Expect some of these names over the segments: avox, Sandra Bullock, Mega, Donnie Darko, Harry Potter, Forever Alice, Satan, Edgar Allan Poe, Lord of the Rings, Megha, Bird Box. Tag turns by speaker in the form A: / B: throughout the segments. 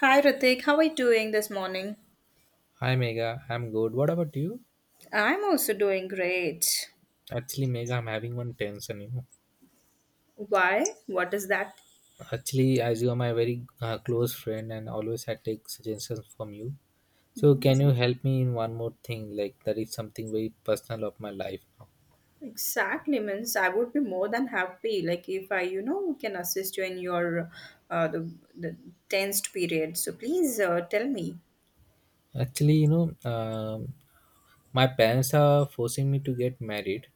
A: Hi Ritik, how are you doing this morning?
B: Hi Mega, I'm good. What about you?
A: I'm also doing great.
B: Actually, Mega, I'm having one tension.
A: Why? What is that
B: Actually, as you are my very close friend and always I take suggestions from you. So, can you help me in one more thing? Like that is something very personal of my life now.
A: exactly means? I would be more than happy, like if I, can assist you in your the tensed period. So please tell me.
B: Actually, my parents are forcing me to get married,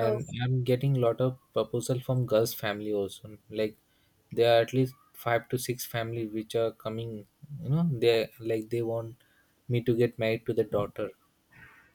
A: Oh,
B: I'm getting a lot of proposal from girls family also, like there are at least five to six families which are coming, they, like, they want me to get married to the daughter.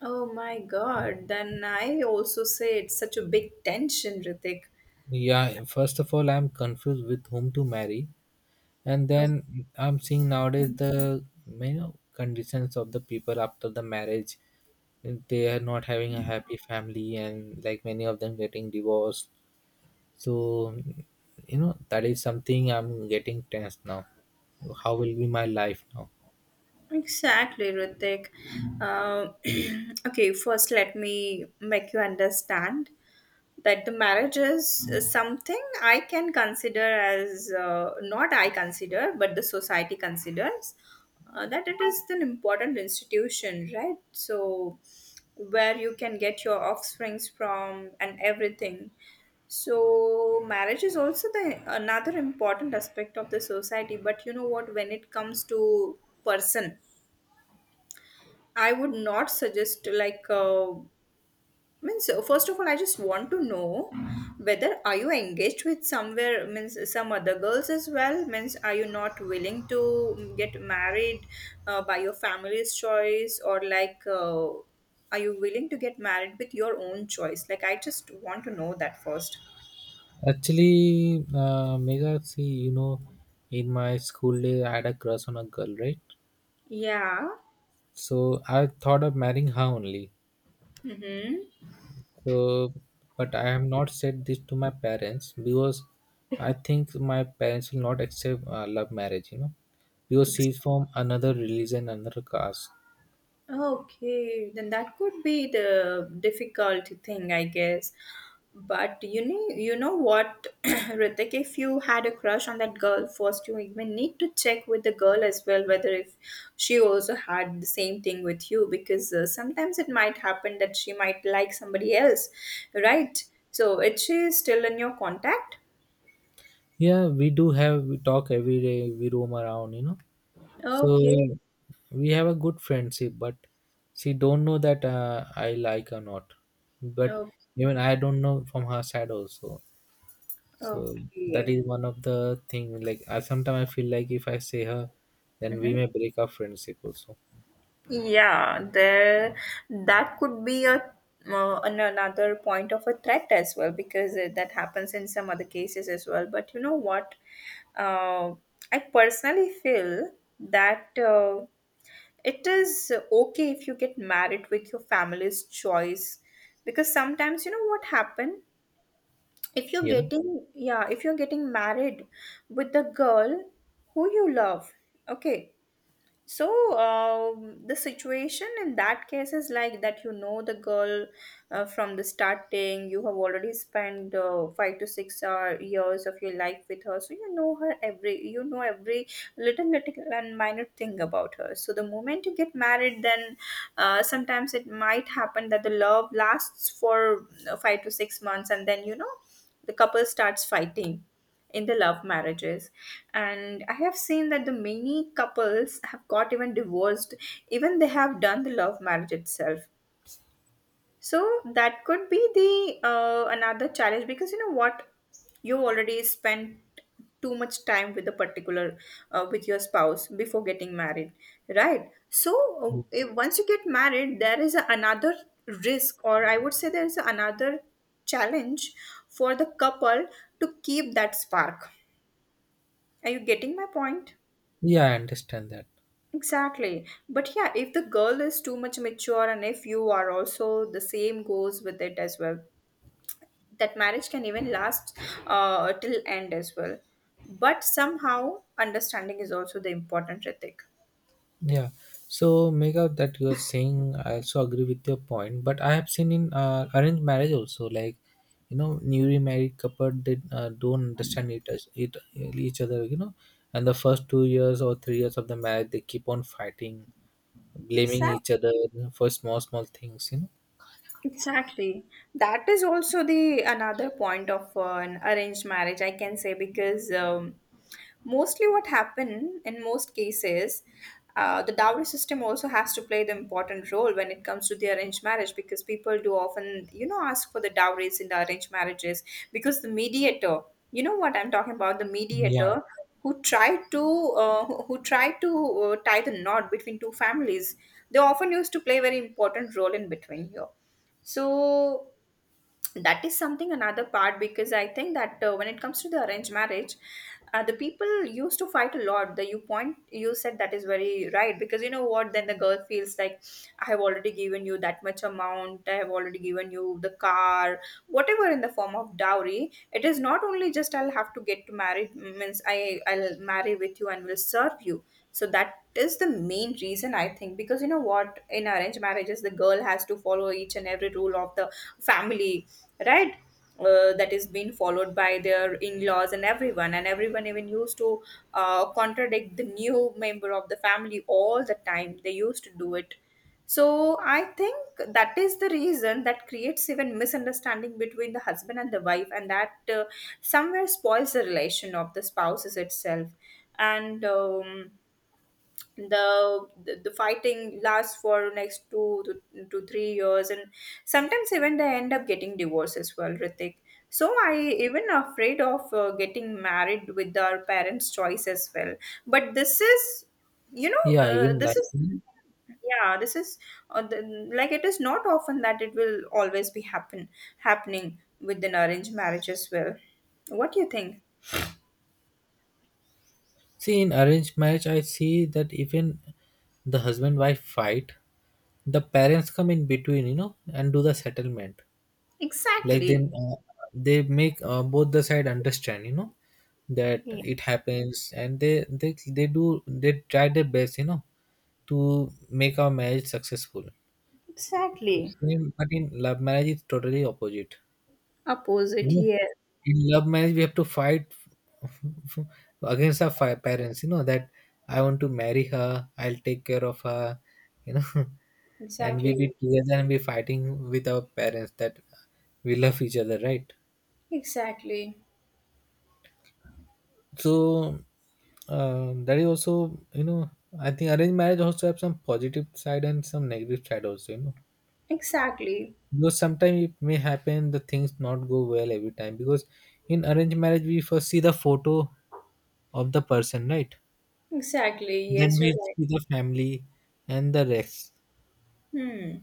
A: oh my God! Then I also say it's such a big tension, Ritik.
B: Yeah, first of all I'm confused with whom to marry, and
A: Oh,
B: then I'm seeing nowadays the conditions of the people after the marriage. They are not having a happy family, and like many of them getting divorced. So, that is something I'm getting tense now. How will be my life now?
A: exactly, Ritik. Uh, okay, first let me make you understand that the marriage is something I can consider as, not I consider, but the society considers that it is an important institution, right? So, where you can get your offsprings from and everything. So, marriage is also the another important aspect of the society. But you know what? When it comes to person, I would not suggest, like. Means first of all I just want to know whether are you engaged with somewhere, means some other girls as well, means are you not willing to get married by your family's choice, or like are you willing to get married with your own choice, like I just want to know that first.
B: Actually, Mega, see, in my school day I had a crush on a girl, right?
A: Yeah.
B: So I thought of marrying her only.
A: Mm-hmm.
B: So, but I have not said this to my parents because I think my parents will not accept love marriage, because she's from another religion, another caste.
A: Okay, then that could be the difficult thing, I guess. But you know what, Ritik, if you had a crush on that girl first, you even need to check with the girl as well whether if she also had the same thing with you because sometimes it might happen that she might like somebody else, right? So, is she still in your contact?
B: Yeah, we do have we talk every day, we roam around. So
A: Okay.
B: we have a good friendship, but she don't know that I like or not. But
A: Okay.
B: even I don't know from her side also. So that
A: Okay.
B: is one of the thing, like, I, sometimes I feel like if I say her, then we
A: Mm-hmm.
B: may break our friendship also.
A: Yeah, there that could be another point of a threat as well because that happens in some other cases as well. But you know what? Uh, I personally feel that it is okay if you get married with your family's choice, because sometimes you know what happen,
B: Yeah,
A: if you're getting married with the girl who you love. Okay, so the situation in that case is like that, the girl, from the starting. You have already spent 5 to 6 hour years of your life with her, so you know her every, every little little and minor thing about her. So the moment you get married, then sometimes it might happen that the love lasts for 5 to 6 months, and then the couple starts fighting in the love marriages. And I have seen that the many couples have got even divorced, even they have done the love marriage itself. So that could be the another challenge, because you know what, you already spent too much time with the particular, with your spouse before getting married, right? So, if, once you get married, there is another risk, or I would say there is another challenge for the couple to keep that spark. Are you getting my point?
B: yeah, I understand that.
A: Exactly. But yeah, if the girl is too much mature, and if you are also, the same goes with it as well. That marriage can even last till end as well. But somehow, understanding is also the important ethic.
B: Yeah. So, Megha, that you're saying, I also agree with your point. But I have seen in arranged marriage also, like, newly married couple they don't understand it each other, and the first 2 years or 3 years of the marriage they keep on fighting, blaming
A: Exactly.
B: each other for small small things.
A: Exactly. That is also the another point of an arranged marriage, I can say, because mostly, what happened in most cases, the dowry system also has to play the important role when it comes to the arranged marriage, because people do often, you know, ask for the dowries in the arranged marriages, because the mediator, you know what I'm talking about, the
B: Yeah,
A: mediator who tried to who tried to tie the knot between two families, they often used to play very important role in between here. So that is something another part, because I think that when it comes to the arranged marriage, the people used to fight a lot, the you point you said, that is very right, because you know what, then the girl feels like, I have already given you that much amount, I have already given you the car, whatever in the form of dowry. It is not only just I'll have to get to marry, means I'll marry with you and will serve you. So that is the main reason, I think, because you know what, in arranged marriages the girl has to follow each and every rule of the family, right, that is being followed by their in-laws and everyone, and everyone even used to contradict the new member of the family all the time, they used to do it. So I think that is the reason that creates even misunderstanding between the husband and the wife, and that, somewhere spoils the relation of the spouses itself. And the fighting lasts for next two to three years, and sometimes even they end up getting divorced as well, Ritik. So I even afraid of getting married with our parents choice as well. But this is you know
B: yeah,
A: uh,
B: even,
A: this
B: like,
A: is yeah this is uh, the, like it is not often that it will always be happening with an arranged marriage as well. What do you think?
B: see in arranged marriage, I see that even the husband wife fight, the parents come in between, and do the settlement. Like they
A: Exactly.
B: make both the side understand, that
A: Yeah.
B: it happens, and they try their best, to make our marriage successful.
A: Exactly
B: Same, but in love marriage it's totally opposite. you
A: opposite.
B: know
A: Yes.
B: in love marriage we have to fight f- f- against our parents, that I want to marry her, I'll take care of her you know and we
A: Exactly.
B: be together and be fighting with our parents that we love each other, right?
A: Exactly.
B: So, that is also, I think arranged marriage also have some positive side and some negative side also.
A: Exactly.
B: Because sometimes it may happen the things not go well every time, because in arranged marriage we first see the photo of the person, right?
A: Exactly.
B: Then
A: Yes,
B: we
A: you're right.
B: see the family and the rest.
A: Hmm.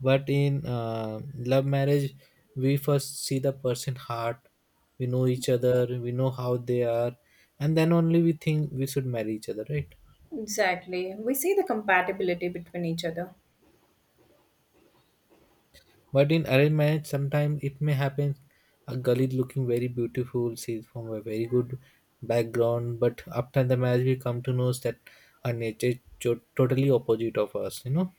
B: But in love marriage we first see the person heart. We know each other, we know how they are, and then only we think we should marry each other, right?
A: Exactly. We see the compatibility between each other.
B: But in arranged marriage, sometimes it may happen a girl is looking very beautiful, she's from a very good background, but after the marriage, we come to know that her nature is totally opposite of us.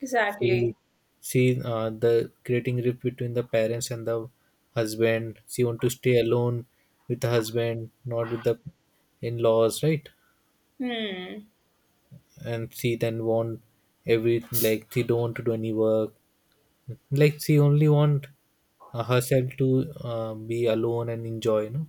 A: Exactly.
B: she she the creating rift between the parents and the husband. She want to stay alone with the husband, not with the in laws, right?
A: Hmm.
B: And she then want every, like, she don't want to do any work, like, she only want herself to be alone and enjoy.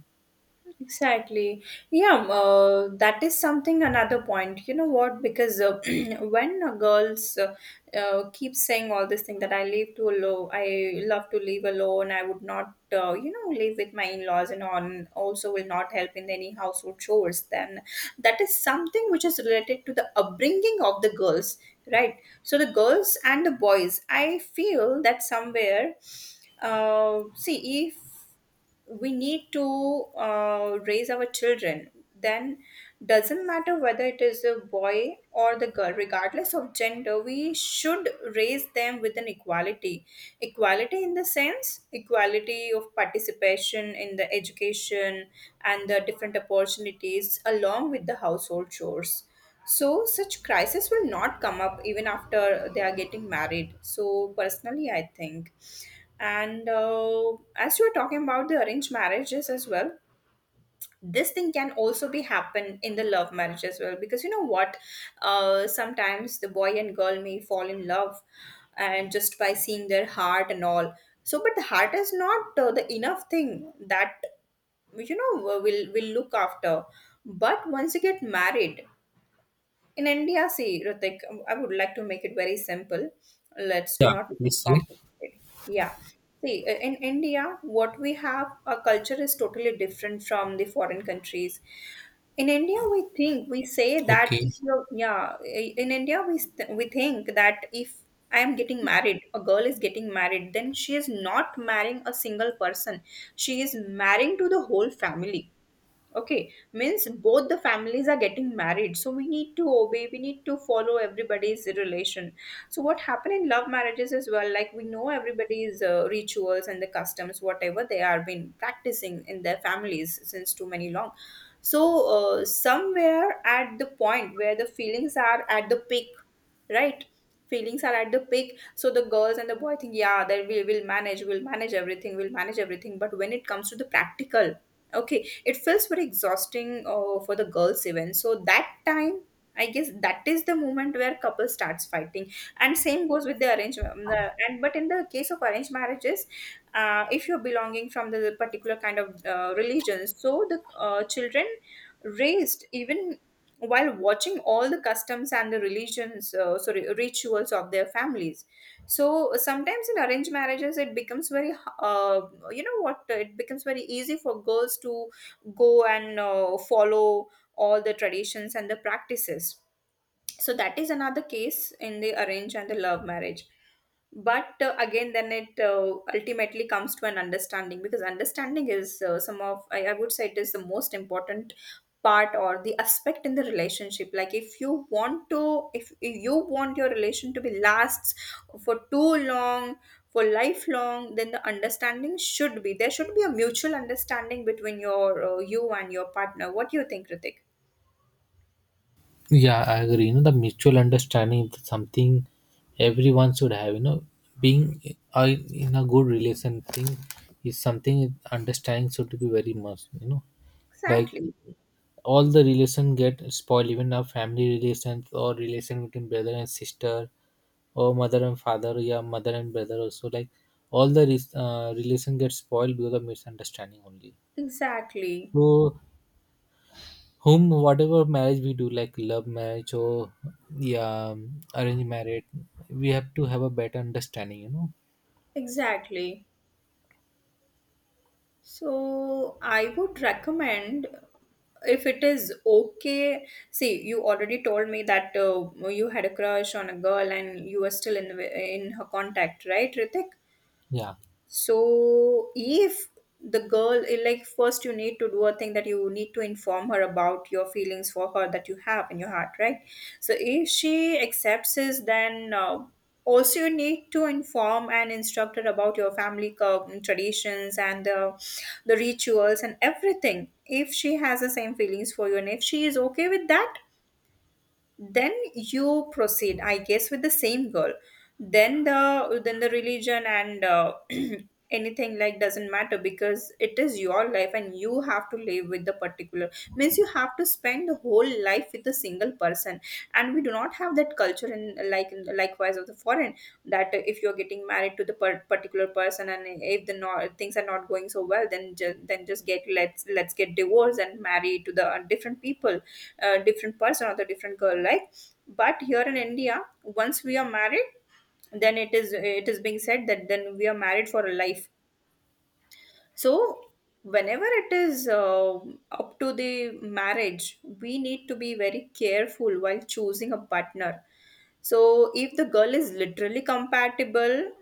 A: Exactly. Yeah, that is something another point. You know what? Because when girls keep saying all this thing that I live too low, I love to live alone, I would not, live with my in laws and on, also will not help in any household chores, then that is something which is related to the upbringing of the girls, right? So the girls and the boys, I feel that somewhere, see, if we need to raise our children, then doesn't matter whether it is a boy or the girl, regardless of gender we should raise them with an equality. Equality in the sense, equality of participation in the education and the different opportunities along with the household chores, so such crisis will not come up even after they are getting married. So personally, I think, and as you are talking about the arranged marriages as well, this thing can also be happen in the love marriage as well, because you know what, sometimes the boy and girl may fall in love, and just by seeing their heart and all. So, but the heart is not the enough thing that, will look after, but once you get married in India, see, Ritik, I would like to make it very simple. Let's do
B: Yeah,
A: not make
B: let's
A: it
B: say.
A: complicated. Yeah. See, in India, what we have, our culture is totally different from the foreign countries. In India, we say that,
B: Okay.
A: if you're, yeah, in India, we think that if I am getting married, a girl is getting married, then she is not marrying a single person. She is marrying to the whole family. Okay, means both the families are getting married, so we need to obey, we need to follow everybody's relation. So, what happen in love marriages as well, like we know everybody's rituals and the customs, whatever they are been practicing in their families since too many long. So, somewhere at the point where the feelings are at the peak, right? Feelings are at the peak, so the girls and the boy think, yeah, that we'll manage everything, we'll manage everything. But when it comes to the practical, okay, it feels very exhausting for the girls even, so that time I guess that is the moment where couple starts fighting. And same goes with the arranged, and but in the case of arranged marriages, if you're belonging from the particular kind of religion, so the children raised even while watching all the customs and the religions, sorry rituals of their families. So sometimes in arranged marriages uh, it becomes very easy for girls to go and follow all the traditions and the practices. So that is another case in the arrange and the love marriage. But again, then it ultimately comes to an understanding, because understanding is, some of, I would say, it is the most important part or the aspect in the relationship. Like if you want your relation to be lasts for too long, for lifelong, then the understanding should be there, should be a mutual understanding between you and your partner. What do you think, Ritik?
B: Yeah, I agree, the mutual understanding is something everyone should have, being in a good relation thing is something understanding should be very much. Like
A: Exactly.
B: all the relation get spoiled, even our family relations or relation between brother and sister, or mother and father, yeah, mother and brother also. Like all the relation gets spoiled because of misunderstanding only.
A: Exactly.
B: So, whom whatever marriage we do, like love marriage or, yeah, arranged marriage, we have to have a better understanding.
A: Exactly. So I would recommend if it is okay. See, you already told me that you had a crush on a girl and you were still in her contact, right, Ritik?
B: Yeah.
A: So if the girl like first you need to do a thing, that you need to inform her about your feelings for her that you have in your heart, right? So if she accepts this, then also you need to inform and instruct her about your family traditions and the rituals and everything. If she has the same feelings for you and if she is okay with that, then you proceed, I guess, with the same girl. Then the religion and anything like doesn't matter, because it is your life and you have to live with the particular, means you have to spend the whole life with a single person. And we do not have that culture in, like, likewise of the foreign, understand that if you're getting married to the particular person and if the things are not going so well, then then just get, let's get divorced and marry to the different people, different person or the different girl, like. But here in India, once we are married, then it is being said that then we are married for a life. So, whenever it is up to the marriage, we need to be very careful while choosing a partner. So, if the girl is literally compatible,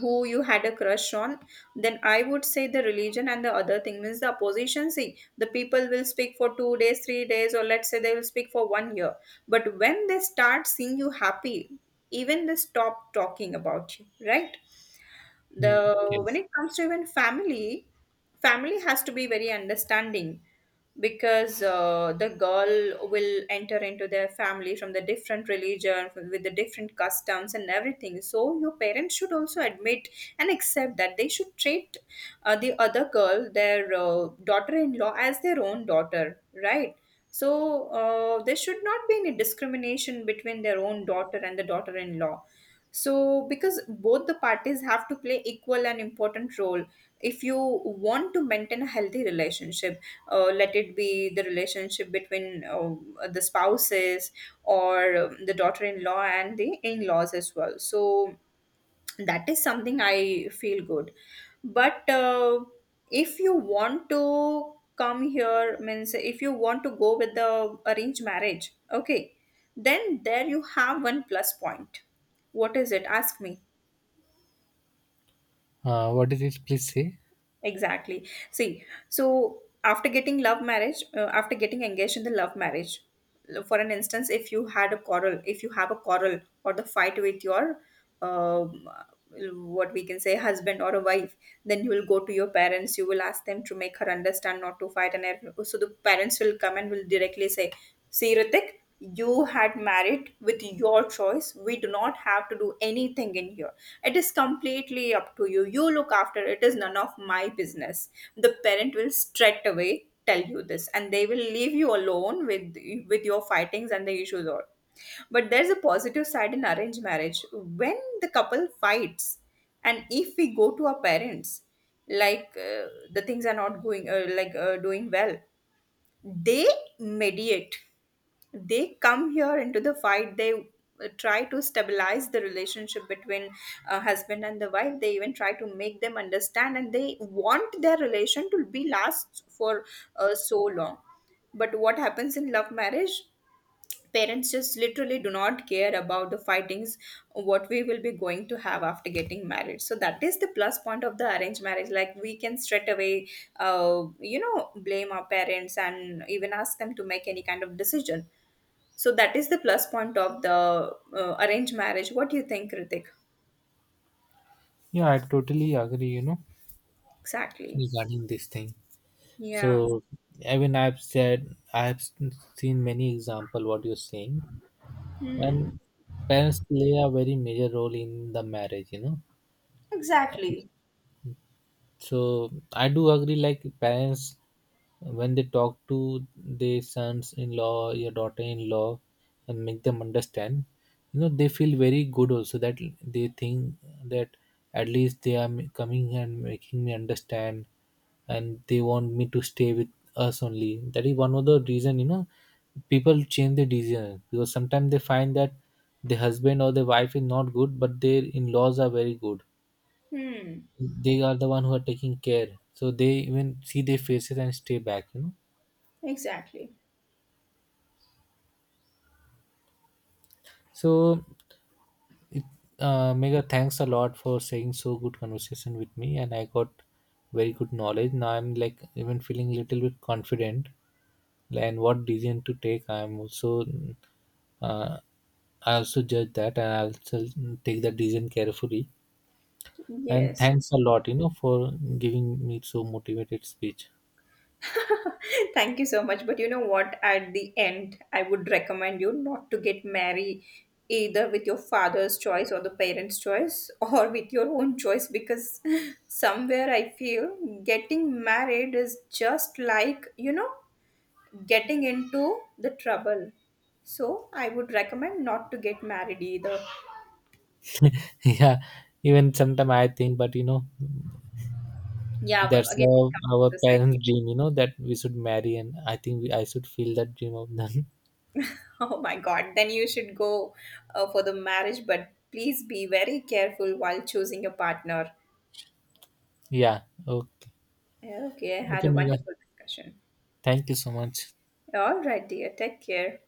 A: who you had a crush on, then I would say the religion and the other thing, means the opposition. See, the people will speak for 2 days, 3 days, or let's say they will speak for 1 year. But when they start seeing you happy, even they stop talking about you, right?
B: Mm.
A: the When
B: Yes.
A: it comes to even family, family has to be very understanding, because the girl will enter into their family from the different religion, with the different customs and everything, so your parents should also admit and accept that they should treat the other girl, their daughter-in-law, as their own daughter, right? So there should not be any discrimination between their own daughter and the daughter-in-law. So because both the parties have to play equal and important role, if you want to maintain a healthy relationship, let it be the relationship between the spouses or the daughter-in-law and the in-laws as well. So that is something I feel good. But if you want to come here, means if you want to go with the arranged marriage, okay, then there you have one plus point. What is it? Ask me.
B: What did it please say?
A: Exactly. See, so after getting love marriage, after getting engaged in the love marriage, for an instance, if you had a quarrel, if you have a quarrel or the fight with your, um, what we can say, husband or a wife, then you will go to your parents. You will ask them to make her understand not to fight, and everything. So the parents will come and will directly say, "See, Ritik. You had married with your choice, we do not have to do anything in here. It is completely up to you, you look after, it is none of my business." The parent will straight away tell you this, and they will leave you alone with your fightings and the issues all. But there's a positive side in arranged marriage. When the couple fights and if we go to our parents, like the things are not going like doing well, they mediate, they come here into the fight, they try to stabilize the relationship between husband and the wife, they even try to make them understand, and they want their relation to be last for so long. But what happens in love marriage, parents just literally do not care about the fightings, what we will be going to have after getting married. So that is the plus point of the arranged marriage, like we can straight away blame our parents and even ask them to make any kind of decision. So that is the plus point of the arranged marriage. What do you think, Ritik?
B: Yeah, I totally agree. You know
A: Exactly.
B: regarding this thing.
A: Yeah.
B: So, I mean, I've seen many example what you're saying, and parents play a very major role in the marriage.
A: Exactly.
B: So I do agree, like, parents when they talk to their sons in law, your daughter in law, and make them understand, they feel very good also that they think that at least they are coming and making me understand, and they want me to stay with us only. That is one of the reason. People change their decision because sometimes they find that the husband or the wife is not good, but their in-laws are very good.
A: Hmm.
B: They are the one who are taking care, so they even see their faces and stay back.
A: Exactly.
B: So, it, Mega, thanks a lot for saying so good conversation with me, and I got very good knowledge. Now I'm, like, even feeling little bit confident, and what decision to take, uh, I also judge that, and I'll also take that decision carefully. And
A: Yes.
B: thanks a lot, for giving me so motivated speech.
A: Thank you so much. But you know what? At the end, I would recommend you not to get married, either with your father's choice or the parents' choice, or with your own choice, because somewhere I feel getting married is just like, you know, getting into the trouble. So I would recommend not to get married either.
B: Yeah, even sometimes I think, but
A: Yeah, but
B: that's
A: again, it
B: our,
A: comes
B: our
A: to society.
B: parents' dream, that we should marry, and I think I should feel that dream of them.
A: Oh my God, then you should go for the marriage, but please be very careful while choosing a partner.
B: Yeah. Okay.
A: Okay, I had
B: Okay,
A: a
B: Mega.
A: wonderful discussion.
B: Thank you so much.
A: All right, dear. Take care.